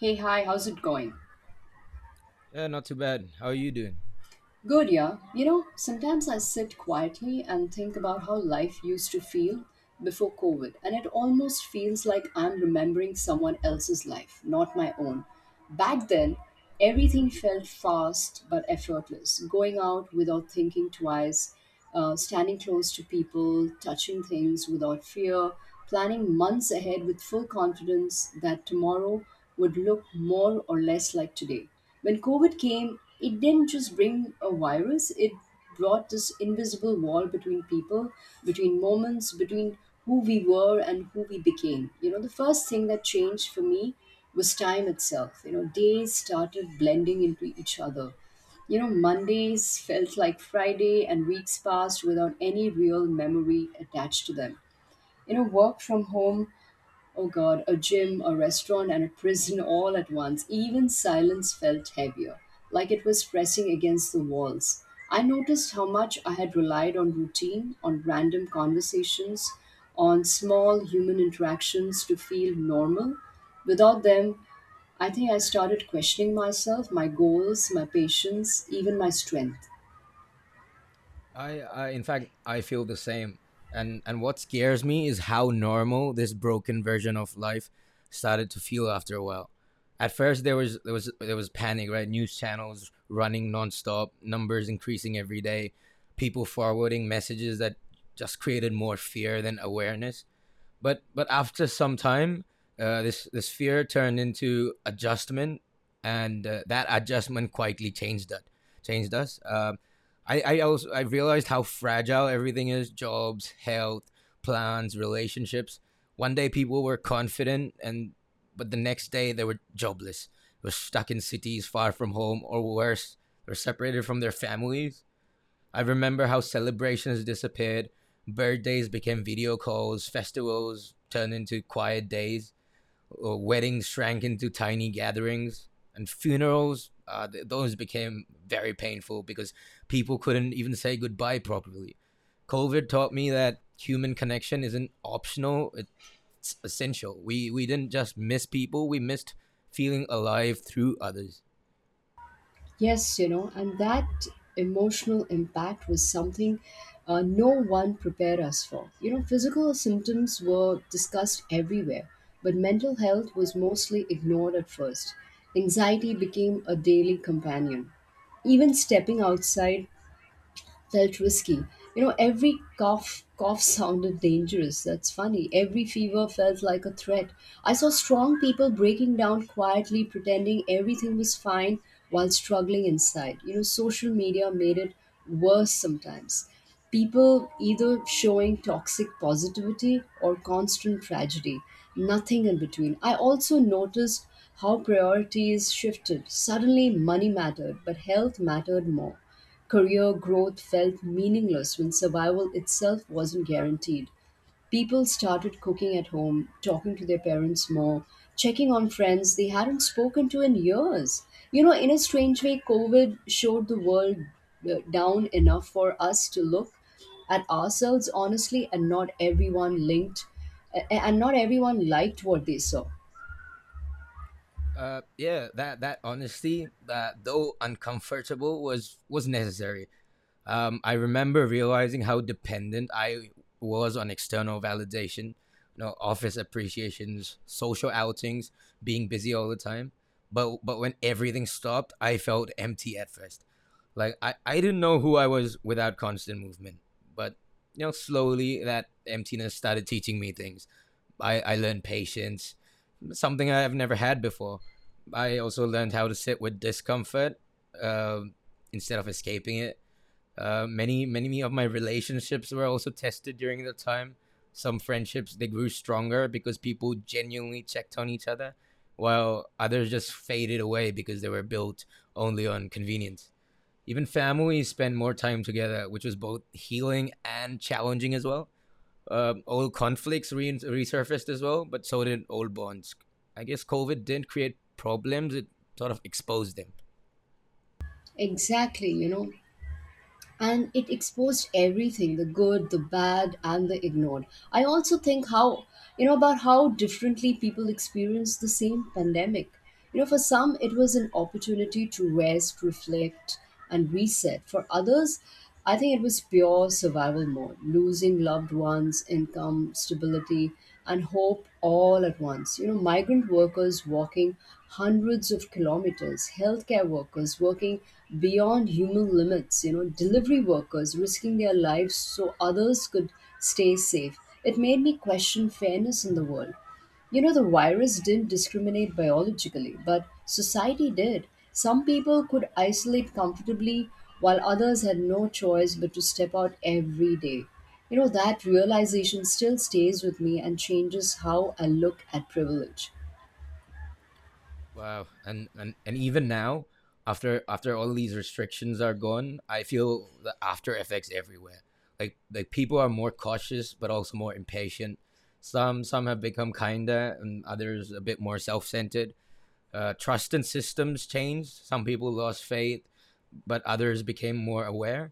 Hey, hi, how's it going? Yeah, not too bad. How are you doing? Good, yeah. Sometimes I sit quietly and think about how life used to feel before COVID, and it almost feels like I'm remembering someone else's life, not my own. Back then, everything felt fast but effortless. Going out without thinking twice, standing close to people, touching things without fear, planning months ahead with full confidence that tomorrow would look more or less like today. When COVID came, it didn't just bring a virus, it brought this invisible wall between people, between moments, between who we were and who we became. The first thing that changed for me was time itself. Days started blending into each other. Mondays felt like Friday, and weeks passed without any real memory attached to them. Work from home. Oh god, a gym, a restaurant, and a prison all at once. Even silence felt heavier, like it was pressing against the walls. I noticed how much I had relied on routine, on random conversations, on small human interactions to feel normal. Without them, I think I started questioning myself, my goals, my patience, even my strength. I in fact, I feel the same. And what scares me is how normal this broken version of life started to feel after a while. At first, there was panic, right? News channels running nonstop, numbers increasing every day, people forwarding messages that just created more fear than awareness. But after some time, this fear turned into adjustment, and that adjustment quietly changed us. I realized how fragile everything is: jobs, health, plans, relationships. One day people were confident, and but the next day they were jobless. They were stuck in cities far from home, or worse, they were separated from their families. I remember how celebrations disappeared, birthdays became video calls, festivals turned into quiet days, or weddings shrank into tiny gatherings, and funerals, those became very painful because people couldn't even say goodbye properly. COVID taught me that human connection isn't optional, it's essential. We didn't just miss people, we missed feeling alive through others. Yes, and that emotional impact was something no one prepared us for. Physical symptoms were discussed everywhere, but mental health was mostly ignored at first. Anxiety became a daily companion. Even stepping outside felt risky. Every cough sounded dangerous. That's funny. Every fever felt like a threat. I saw strong people breaking down quietly, pretending everything was fine while struggling inside. Social media made it worse sometimes, people either showing toxic positivity or constant tragedy, nothing in between. I also noticed how priorities shifted. Suddenly, money mattered, but health mattered more. Career growth felt meaningless when survival itself wasn't guaranteed. People started cooking at home, talking to their parents more, checking on friends they hadn't spoken to in years. In a strange way, COVID showed the world down enough for us to look at ourselves honestly, and not everyone liked what they saw. Yeah, that honesty, though uncomfortable, was necessary. I remember realizing how dependent I was on external validation, you know, office appreciations, social outings, being busy all the time. But when everything stopped, I felt empty at first, like I didn't know who I was without constant movement. But you know, slowly that emptiness started teaching me things. I learned patience, something I've never had before. I also learned how to sit with discomfort um instead of escaping it. Many of my relationships were also tested during the time. Some friendships, they grew stronger because people genuinely checked on each other, while others just faded away because they were built only on convenience. Even families spend more time together, which was both healing and challenging as well. Old conflicts resurfaced as well, but so did old bonds. I guess COVID didn't create problems; it sort of exposed them. Exactly, and it exposed everything, the good, the bad, and the ignored. I also think how you know about how differently people experience the same pandemic. For some, it was an opportunity to rest, reflect, and reset. For others, I think it was pure survival mode, losing loved ones, income, stability, and hope all at once. Migrant workers walking hundreds of kilometers, healthcare workers working beyond human limits, delivery workers risking their lives so others could stay safe. It made me question fairness in the world. The virus didn't discriminate biologically, but society did. Some people could isolate comfortably, while others had no choice but to step out every day. That realization still stays with me and changes how I look at privilege. Wow, and even now, after all these restrictions are gone, I feel the after effects everywhere. Like people are more cautious, but also more impatient. Some have become kinder, and others a bit more self centered. Trust in systems changed. Some people lost faith, but others became more aware.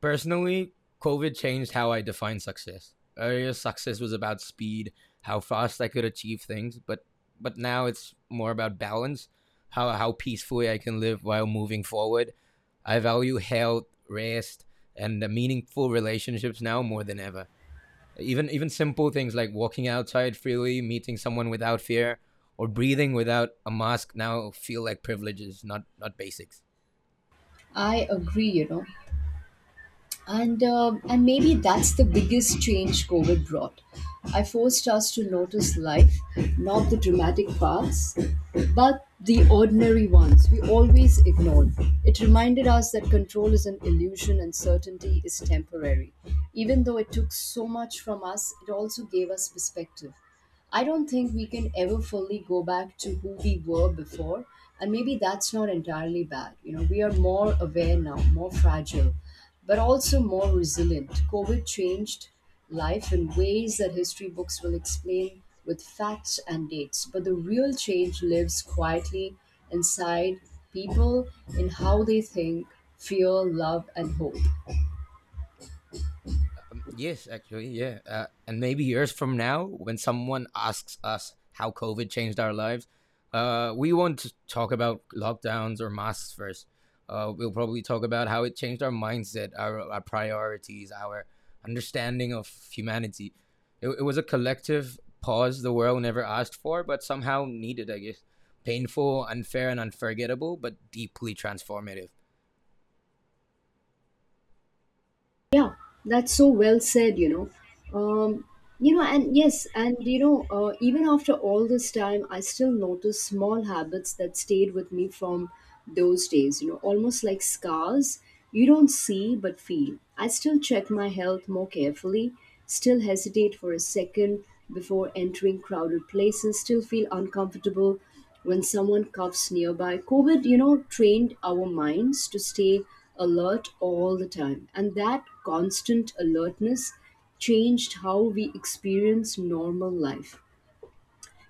Personally, COVID changed how I define success. Earlier, success was about speed, how fast I could achieve things, but now it's more about balance, how peacefully I can live while moving forward. I value health, rest, and the meaningful relationships now more than ever. Even simple things like walking outside freely, meeting someone without fear, or breathing without a mask now feel like privileges, not basics. I agree. And maybe that's the biggest change COVID brought. I forced us to notice life, not the dramatic parts, but the ordinary ones we always ignored. It reminded us that control is an illusion, and certainty is temporary. Even though it took so much from us, it also gave us perspective. I don't think we can ever fully go back to who we were before, and maybe that's not entirely bad. We are more aware now, more fragile, but also more resilient. COVID changed life in ways that history books will explain with facts and dates, but the real change lives quietly inside people, in how they think, feel, love, and hope. Yeah. And maybe years from now, when someone asks us how COVID changed our lives, we won't talk about lockdowns or masks first. We'll probably talk about how it changed our mindset, our priorities, our understanding of humanity. It was a collective pause the world never asked for, but somehow needed, I guess. Painful, unfair, and unforgettable, but deeply transformative. Yeah, that's so well said. And yes, even after all this time, I still notice small habits that stayed with me from those days, almost like scars you don't see but feel. I still check my health more carefully, still hesitate for a second before entering crowded places, still feel uncomfortable when someone coughs nearby. COVID, trained our minds to stay alert all the time. And that constant alertness changed how we experience normal life.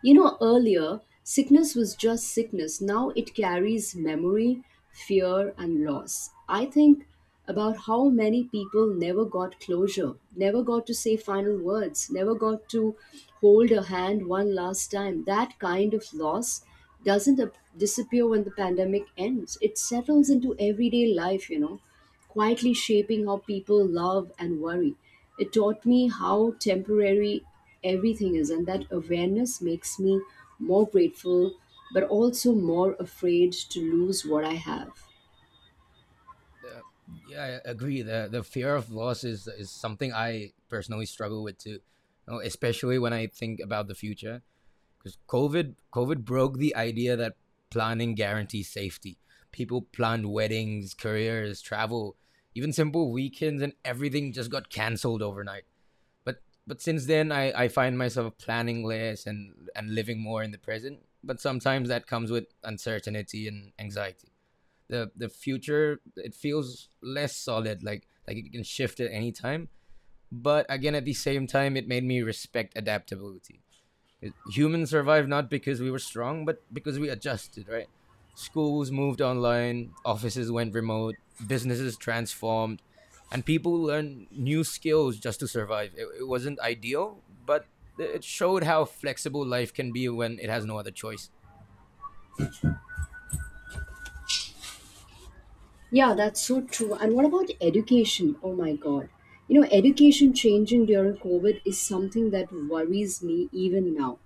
Earlier, sickness was just sickness. Now it carries memory, fear, and loss. I think about how many people never got closure, never got to say final words, never got to hold a hand one last time. That kind of loss doesn't disappear when the pandemic ends, it settles into everyday life, quietly shaping how people love and worry. It taught me how temporary everything is, and that awareness makes me more grateful but also more afraid to lose what I have. Yeah, I agree. The fear of loss is something I personally struggle with too, you know, especially when I think about the future. Because COVID broke the idea that planning guarantees safety. People planned weddings, careers, travel, even simple weekends, and everything just got cancelled overnight. But but since then, I find myself planning less and living more in the present. But sometimes that comes with uncertainty and anxiety. The future, it feels less solid, like it can shift at any time. But again, at the same time, it made me respect adaptability. Humans survived not because we were strong, but because we adjusted, right? Schools moved online, offices went remote, businesses transformed, and people learned new skills just to survive. It wasn't ideal, but it showed how flexible life can be when it has no other choice. Yeah, that's so true. And what about education? Oh my God. Education changing during COVID is something that worries me even now.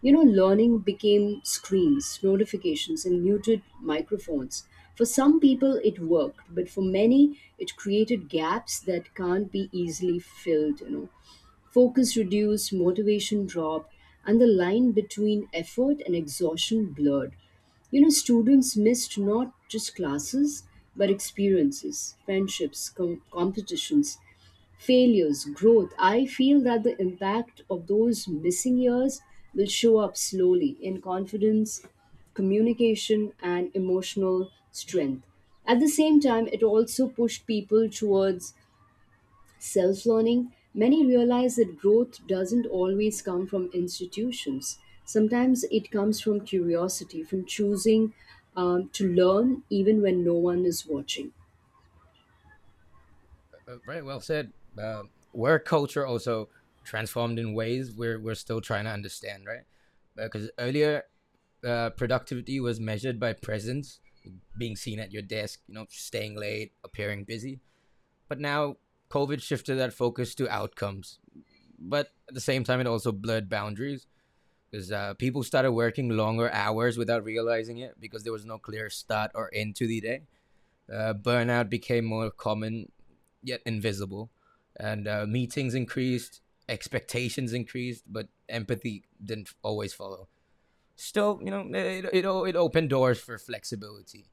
Learning became screens, notifications, and muted microphones. For some people, it worked, but for many, it created gaps that can't be easily filled. Focus reduced, motivation dropped, and the line between effort and exhaustion blurred. Students missed not just classes, but experiences, friendships, competitions, failures, growth. I feel that the impact of those missing years will show up slowly in confidence, communication, and emotional strength. At the same time, it also pushed people towards self learning. Many realize that growth doesn't always come from institutions. Sometimes it comes from curiosity, from choosing to learn even when no one is watching. Very well said. Uh, where culture also transformed in ways we're still trying to understand, right? Because earlier, productivity was measured by presence, being seen at your desk, you know, staying late, appearing busy. But now, COVID shifted that focus to outcomes. But at the same time, it also blurred boundaries because people started working longer hours without realizing it because there was no clear start or end to the day. Burnout became more common, yet invisible, and meetings increased, expectations increased, but empathy didn't always follow. Still, you know, it opened doors for flexibility.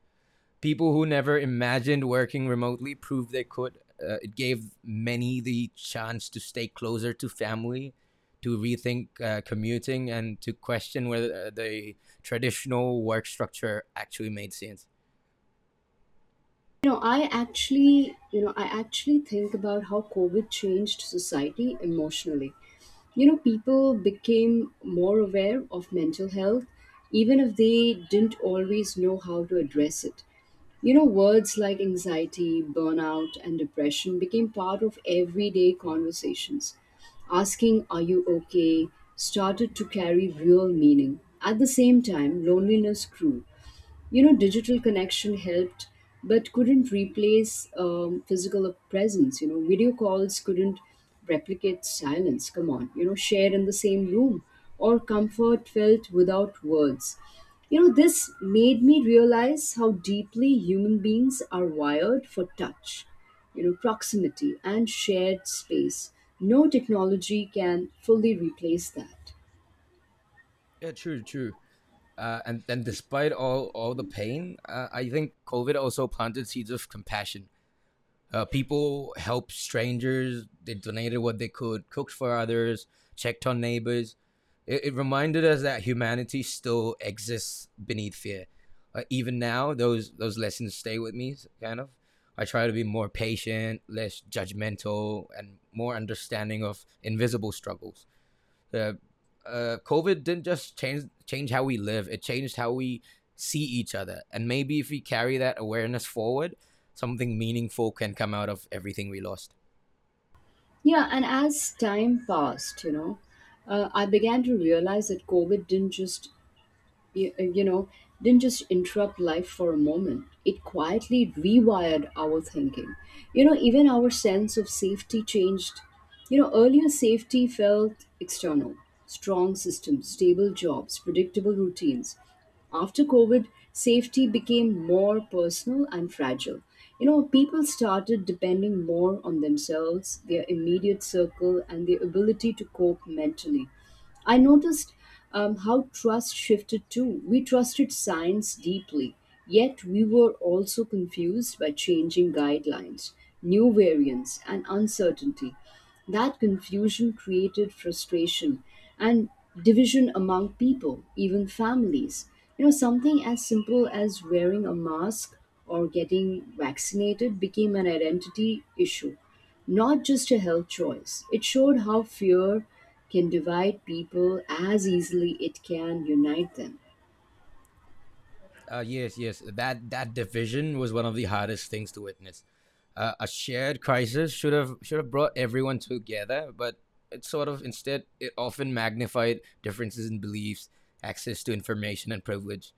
People who never imagined working remotely proved they could. It gave many the chance to stay closer to family, to rethink commuting, and to question whether the traditional work structure actually made sense. I actually think about how COVID changed society emotionally. People became more aware of mental health, even if they didn't always know how to address it. Words like anxiety, burnout, and depression became part of everyday conversations. Asking, "Are you okay?" started to carry real meaning. At the same time, loneliness grew. Digital connection helped but couldn't replace physical presence. Video calls couldn't replicate silence, come on, share in the same room, or comfort felt without words. This made me realize how deeply human beings are wired for touch, proximity, and shared space. No technology can fully replace that. Yeah, true, true. And then, despite all the pain, I think COVID also planted seeds of compassion. People helped strangers. They donated what they could, cooked for others, checked on neighbors. It reminded us that humanity still exists beneath fear. Even now, those lessons stay with me. Kind of, I try to be more patient, less judgmental, and more understanding of invisible struggles. Uh, COVID didn't just change how we live; it changed how we see each other. And maybe if we carry that awareness forward, something meaningful can come out of everything we lost. Yeah, and as time passed, I began to realize that COVID didn't just you you know, didn't just interrupt life for a moment. It quietly rewired our thinking. Even our sense of safety changed. Earlier, safety felt external, strong systems, stable jobs, predictable routines. After COVID, safety became more personal and fragile. People started depending more on themselves, their immediate circle, and their ability to cope mentally. I noticed how trust shifted too. We trusted science deeply, yet we were also confused by changing guidelines, new variants, and uncertainty. That confusion created frustration and division among people, even families. Something as simple as wearing a mask or getting vaccinated became an identity issue, not just a health choice. It showed how fear can divide people as easily it can unite them. Yes, that division was one of the hardest things to witness. A shared crisis should have brought everyone together, but it sort of, instead, it often magnified differences in beliefs, access to information, and privilege.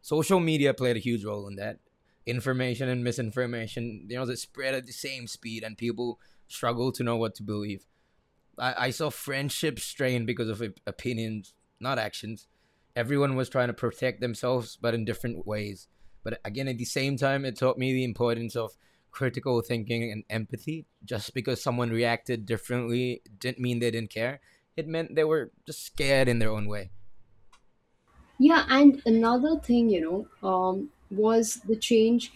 Social media played a huge role in that. Information and misinformation, you know, they spread at the same speed, and people struggle to know what to believe. I saw friendships strain because of opinions, not actions. Everyone was trying to protect themselves, but in different ways. But again, at the same time, it taught me the importance of critical thinking and empathy. Just because someone reacted differently didn't mean they didn't care. It meant they were just scared in their own way. Yeah, and another thing was the change.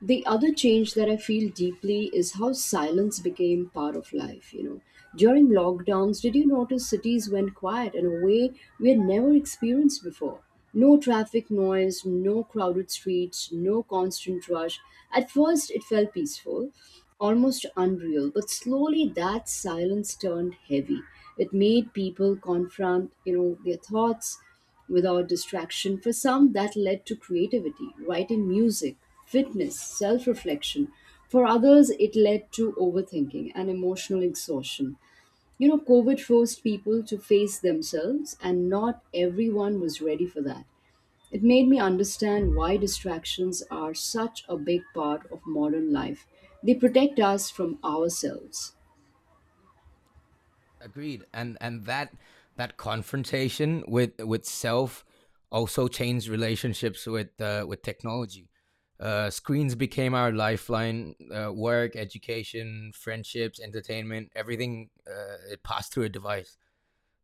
The other change that I feel deeply is how silence became part of life. During lockdowns, did you notice cities went quiet in a way we had never experienced before? No traffic noise, no crowded streets, no constant rush. At first, it felt peaceful, almost unreal, but slowly that silence turned heavy. It made people confront, their thoughts without distraction. For some, that led to creativity, writing, music, fitness, self reflection. For others, it led to overthinking and emotional exhaustion. COVID forced people to face themselves, and not everyone was ready for that. It made me understand why distractions are such a big part of modern life. They protect us from ourselves. Agreed. And that confrontation with self also changed relationships with technology. Screens became our lifeline. Work, education, friendships, entertainment, everything, it passed through a device.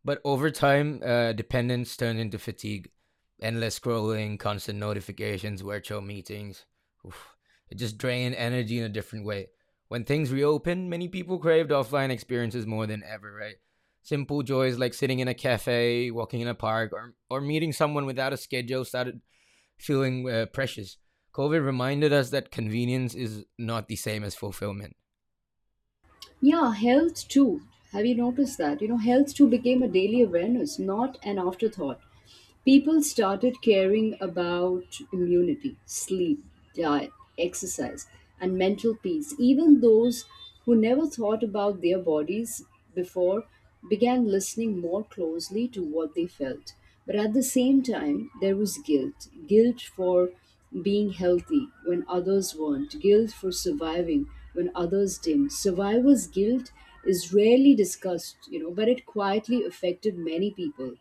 But over time, dependence turned into fatigue, endless scrolling, constant notifications, virtual meetings. Oof. It just drained energy in a different way. When things reopened, many people craved offline experiences more than ever, right? Simple joys like sitting in a cafe, walking in a park, or meeting someone without a schedule started feeling precious. COVID reminded us that convenience is not the same as fulfillment. Yeah, health too. Have you noticed that? Health too became a daily awareness, not an afterthought. People started caring about immunity, sleep, diet, exercise, and mental peace. Even those who never thought about their bodies before began listening more closely to what they felt. But at the same time, there was guilt for being healthy when others weren't, guilt for surviving when others didn't. Survivor's guilt is rarely discussed, but it quietly affected many people.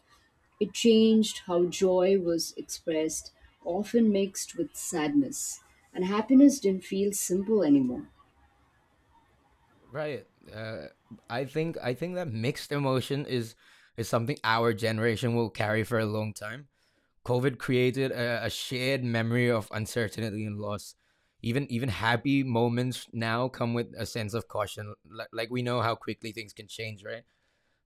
It changed how joy was expressed, often mixed with sadness, and happiness didn't feel simple anymore. Right. Uh, I think that mixed emotion is something our generation will carry for a long time. COVID created a shared memory of uncertainty and loss. Even happy moments now come with a sense of caution. Like, we know how quickly things can change, right?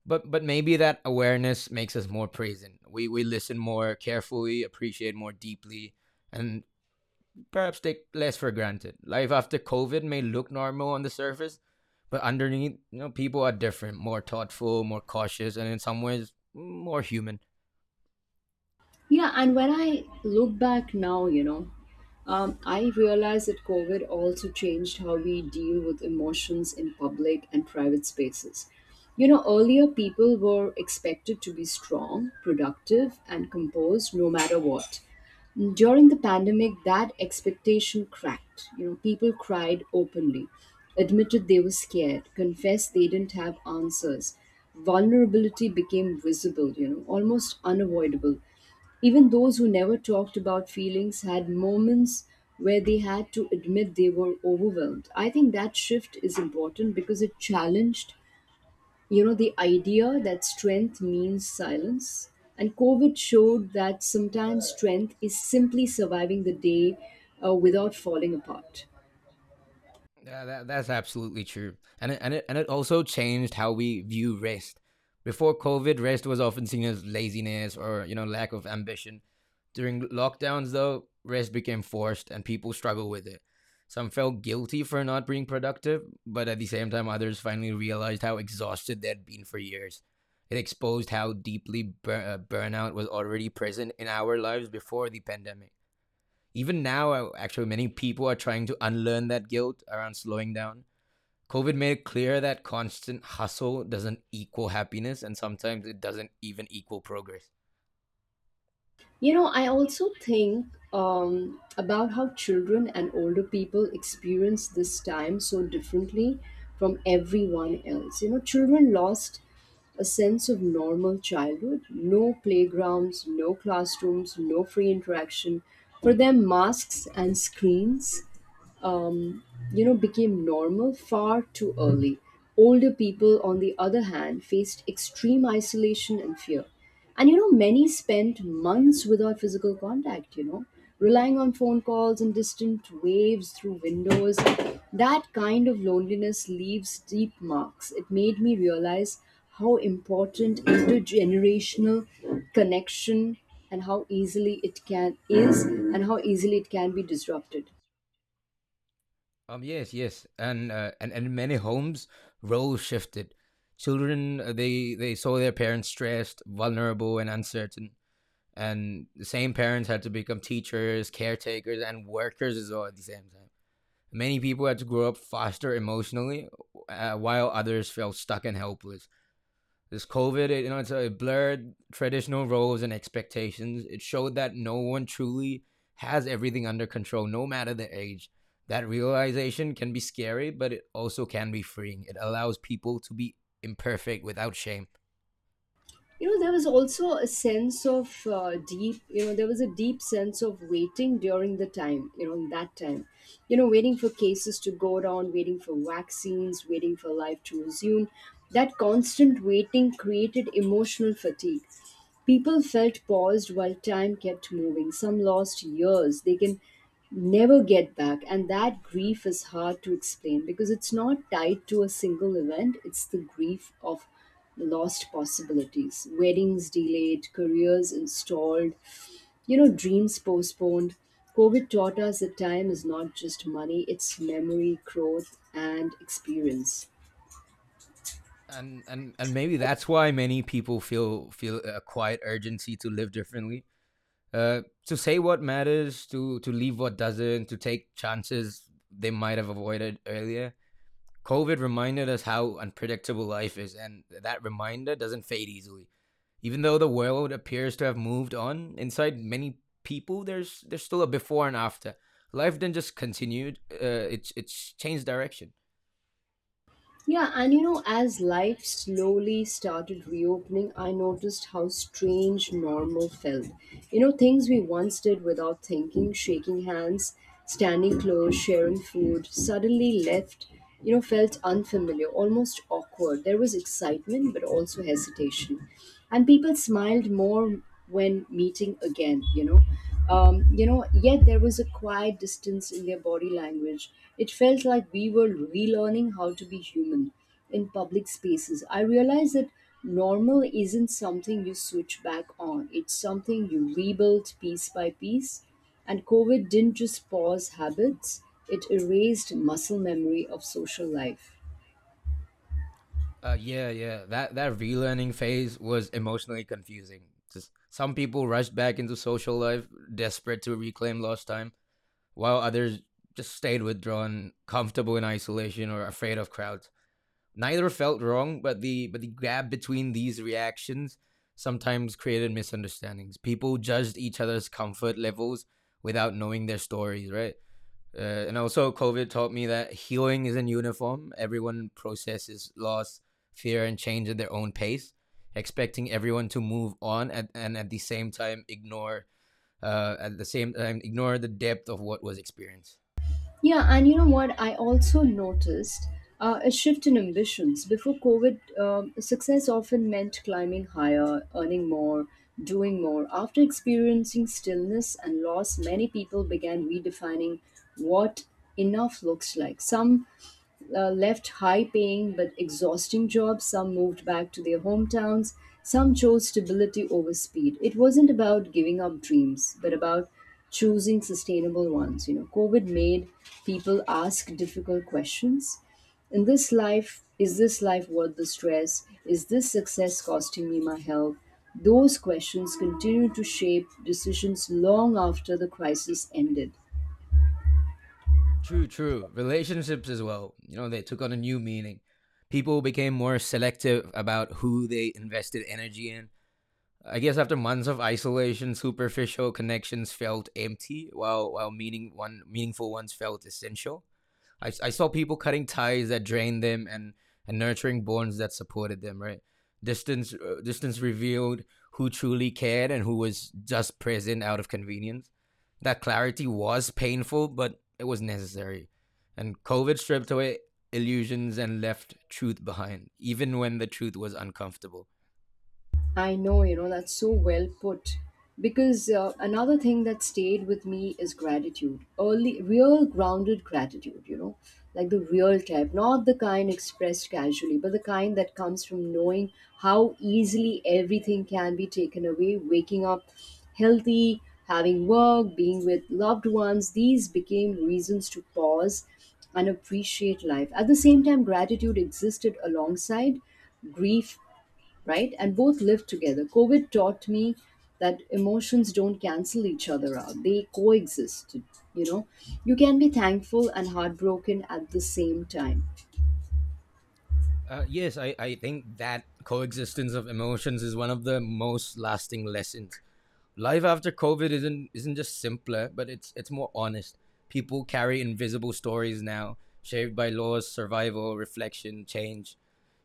But maybe that awareness makes us more present. We listen more carefully, appreciate more deeply, and perhaps take less for granted. Life after COVID may look normal on the surface, but underneath, you know, people are different, more thoughtful, more cautious, and in some ways, more human. Yeah, and when I look back now, I realize that COVID also changed how we deal with emotions in public and private spaces. Earlier, people were expected to be strong, productive, and composed no matter what. During the pandemic, that expectation cracked. People cried openly, admitted they were scared, confessed they didn't have answers. Vulnerability became visible, almost unavoidable. Even those who never talked about feelings had moments where they had to admit they were overwhelmed. I think that shift is important because it challenged, you know, the idea that strength means silence. And COVID showed that sometimes strength is simply surviving the day without falling apart. Yeah, that's absolutely true, and it also changed how we view rest. Before COVID, rest was often seen as laziness or, you know, lack of ambition. During lockdowns, though, rest became forced, and people struggle with it. Some felt guilty for not being productive, but at the same time, others finally realized how exhausted they'd been for years. It exposed how deeply burnout was already present in our lives before the pandemic. Even now, actually, many people are trying to unlearn that guilt around slowing down. COVID made it clear that constant hustle doesn't equal happiness, and sometimes it doesn't even equal progress. You know, I also think about how children and older people experience this time so differently from everyone else. You know, children lost a sense of normal childhood: no playgrounds, no classrooms, no free interaction. For them, masks and screens um, became normal far too early. Older people, on the other hand, faced extreme isolation and fear. And you know, many spent months without physical contact, you know, relying on phone calls and distant waves through windows. That kind of loneliness leaves deep marks. It made me realize how important intergenerational connection and how easily it can be disrupted. Yes, and in many homes, roles shifted. Children, they saw their parents stressed, vulnerable, and uncertain, and the same parents had to become teachers, caretakers, and workers as well at the same time. Many people had to grow up faster emotionally, while others felt stuck and helpless. This COVID, you know, it blurred traditional roles and expectations. It showed that no one truly has everything under control, no matter the age. That realization can be scary, but it also can be freeing. It allows people to be imperfect without shame. You know, there was also a sense of deep you know there was a deep sense of waiting during the time, you know, in that time, you know, waiting for cases to go down, waiting for vaccines, waiting for life to resume. That constant waiting created emotional fatigue. People felt paused while time kept moving. Some lost years they can never get back, and that grief is hard to explain because it's not tied to a single event. It's the grief of lost possibilities, weddings delayed, careers installed, you know, dreams postponed. COVID taught us that time is not just money, it's memory, growth, and experience. And maybe that's why many people feel a quiet urgency to live differently, to say what matters, to leave what doesn't, to take chances they might have avoided earlier. COVID reminded us how unpredictable life is, and that reminder doesn't fade easily. Even though the world appears to have moved on, inside many people, there's still a before and after. Life didn't just continue; it's changed direction. Yeah, and you know, as life slowly started reopening, I noticed how strange normal felt. You know, things we once did without thinking, shaking hands, standing close, sharing food, suddenly left, you know, felt unfamiliar, almost awkward. There was excitement, but also hesitation. And people smiled more when meeting again, yet there was a quiet distance in their body language. It felt like we were relearning how to be human in public spaces. I realized that normal isn't something you switch back on, it's something you rebuild piece by piece. And COVID didn't just pause habits, it erased muscle memory of social life. Yeah, yeah. That relearning phase was emotionally confusing. Just some people rushed back into social life, desperate to reclaim lost time, while others just stayed withdrawn, comfortable in isolation, or afraid of crowds. Neither felt wrong, but the gap between these reactions sometimes created misunderstandings. People judged each other's comfort levels without knowing their stories, right? And also, COVID taught me that healing isn't uniform. Everyone processes loss, fear, and change at their own pace. Expecting everyone to move on at, and at the same time ignore at the same time ignore the depth of what was experienced. Yeah, and you know what? I also noticed a shift in ambitions. Before COVID, success often meant climbing higher, earning more, doing more. After experiencing stillness and loss, many people began redefining what enough looks like. Some left high paying but exhausting jobs, some moved back to their hometowns, some chose stability over speed. It wasn't about giving up dreams, but about choosing sustainable ones. You know, COVID made people ask difficult questions. Is this life worth the stress? Is this success costing me my health? Those questions continue to shape decisions long after the crisis ended. True, true. Relationships as well. You know, they took on a new meaning. People became more selective about who they invested energy in. I guess after months of isolation, superficial connections felt empty, while meaningful ones felt essential. I saw people cutting ties that drained them and nurturing bonds that supported them, right? Distance revealed who truly cared and who was just present out of convenience. That clarity was painful, but it was necessary. And COVID stripped away illusions and left truth behind, even when the truth was uncomfortable. I know, you know, that's so well put. Because another thing that stayed with me is gratitude. Early, real grounded gratitude, you know, like the real type, not the kind expressed casually, but the kind that comes from knowing how easily everything can be taken away, waking up healthy, having work, being with loved ones. These became reasons to pause and appreciate life. At the same time, gratitude existed alongside grief, right? And both lived together. COVID taught me that emotions don't cancel each other out, they coexist. You know, you can be thankful and heartbroken at the same time. Yes, I think that coexistence of emotions is one of the most lasting lessons life after COVID isn't just simpler, but it's more honest. People carry invisible stories now, shaped by laws, survival, reflection, change.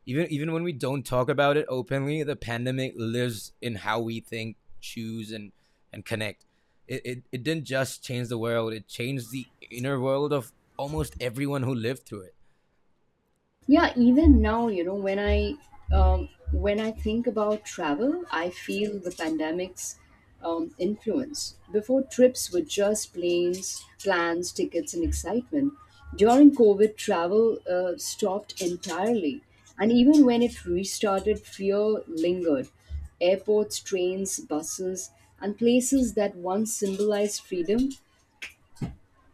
Even when we don't talk about it openly, the pandemic lives in how we think, choose, and connect. It didn't just change the world; it changed the inner world of almost everyone who lived through it. Yeah, even now, you know, when I think about travel, I feel the pandemic's influence. Before, trips were just planes, plans, tickets, and excitement. During COVID, travel stopped entirely, and even when it restarted, fear lingered. Airports, trains, buses, and places that once symbolized freedom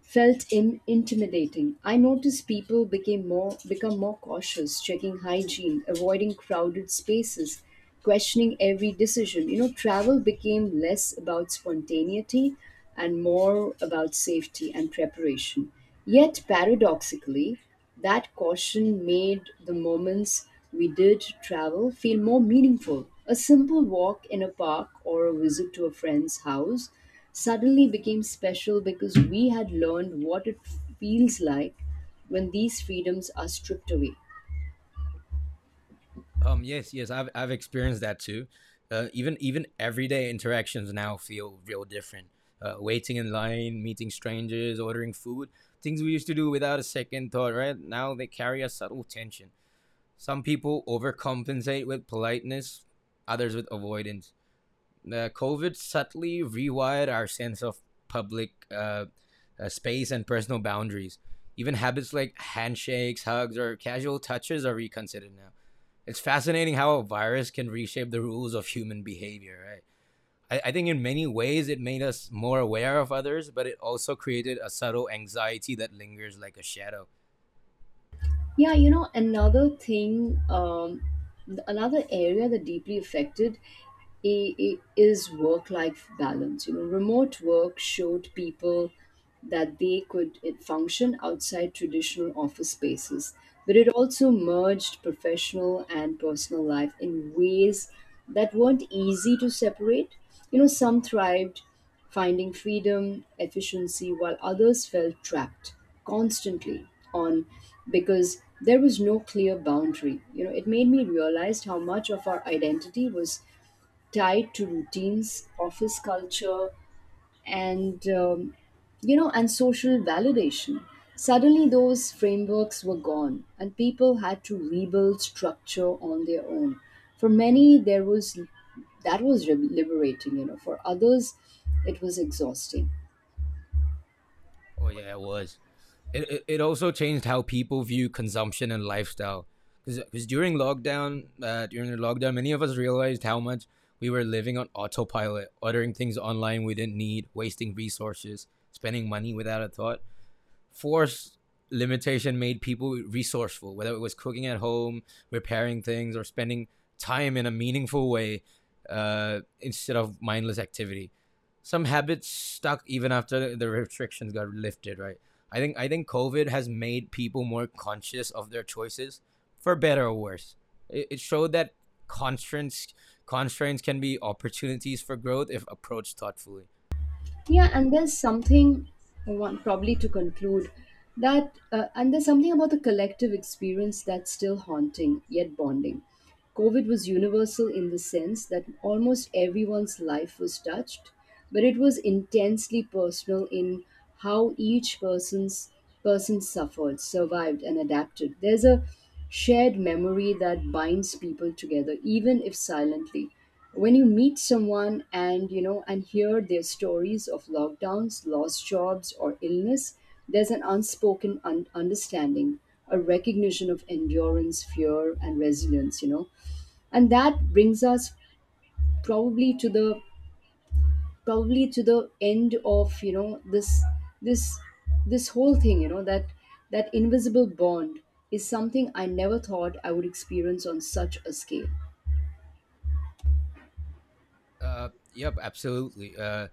felt in intimidating. I noticed people became more become more cautious, checking hygiene, avoiding crowded spaces, questioning every decision. You know, travel became less about spontaneity and more about safety and preparation. Yet paradoxically, that caution made the moments we did travel feel more meaningful. A simple walk in a park or a visit to a friend's house suddenly became special because we had learned what it feels like when these freedoms are stripped away. Yes. Yes. I've experienced that too. Even everyday interactions now feel real different. Waiting in line, meeting strangers, ordering food, things we used to do without a second thought. Right now, they carry a subtle tension. Some people overcompensate with politeness, others with avoidance. COVID subtly rewired our sense of public space and personal boundaries. Even habits like handshakes, hugs, or casual touches are reconsidered now. It's fascinating how a virus can reshape the rules of human behavior, right? I think in many ways it made us more aware of others, but it also created a subtle anxiety that lingers like a shadow. Yeah, you know, another thing, another area that deeply affected is work life balance. You know, remote work showed people that they could it function outside traditional office spaces, but it also merged professional and personal life in ways that weren't easy to separate. You know, some thrived finding freedom, efficiency, while others felt trapped constantly on because there was no clear boundary. You know, it made me realize how much of our identity was tied to routines, office culture, and you know and social validation. Suddenly those frameworks were gone and people had to rebuild structure on their own. For many, there was that was re- liberating, you know. For others, it was exhausting. Oh, yeah, it was. It also changed how people view consumption and lifestyle. Because during the lockdown, many of us realized how much we were living on autopilot, ordering things online we didn't need, wasting resources, spending money without a thought. Force limitation made people resourceful, whether it was cooking at home, repairing things, or spending time in a meaningful way instead of mindless activity. Some habits stuck even after the restrictions got lifted, right? I think COVID has made people more conscious of their choices, for better or worse. It showed that constraints constraints can be opportunities for growth if approached thoughtfully. Yeah, and there's something, one probably to conclude, that, and there's something about the collective experience that's still haunting, yet bonding. COVID was universal in the sense that almost everyone's life was touched, but it was intensely personal in how each person suffered, survived, and adapted. There's a shared memory that binds people together, even if silently. When you meet someone and you know and hear their stories of lockdowns, lost jobs, or illness, there's an unspoken understanding, a recognition of endurance, fear, and resilience, you know. And that brings us probably to the probably to the end of, you know, this this whole thing, you know, that that invisible bond is something I never thought I would experience on such a scale. Yep, absolutely. Uh,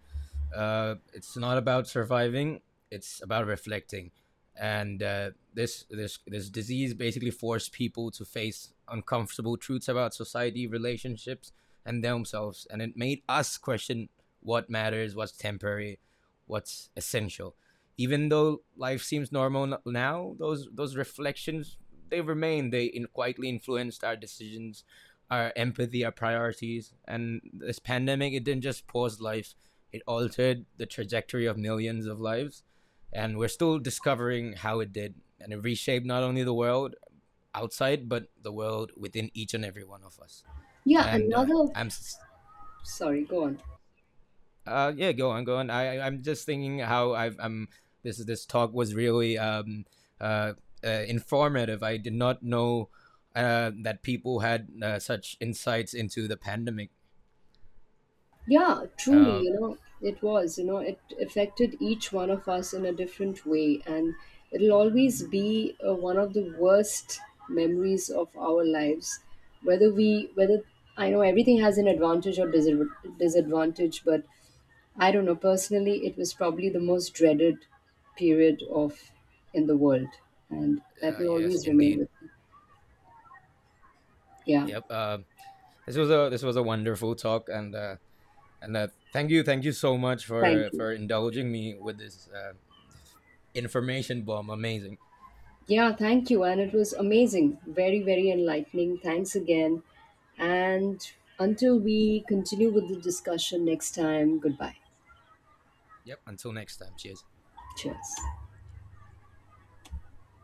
uh, It's not about surviving; it's about reflecting. And this disease basically forced people to face uncomfortable truths about society, relationships, and themselves. And it made us question what matters, what's temporary, what's essential. Even though life seems normal now, those reflections they remain. They quietly influenced our decisions, our empathy, our priorities. And this pandemic, it didn't just pause life, it altered the trajectory of millions of lives. And we're still discovering how it did. And it reshaped not only the world outside, but the world within each and every one of us. Yeah, And uh, another. I'm, Sorry, go on. Yeah, go on, go on. I am just thinking how I'm, this talk was really uh, informative. I did not know that people had such insights into the pandemic. Yeah, truly, Uh, you know, it was, you know, it affected each one of us in a different way. And it'll always be one of the worst memories of our lives. Whether I know everything has an advantage or disadvantage, but I don't know, personally, it was probably the most dreaded period of in the world. And that will yes, always remain indeed. with me. Yeah. Yep. This was a wonderful talk, and thank you so much for Thank you. Indulging me with this information bomb. Amazing. Yeah, thank you. And it was amazing. Very, very enlightening. Thanks again. And until we continue with the discussion next time, goodbye. Yep. Until next time. Cheers. Cheers.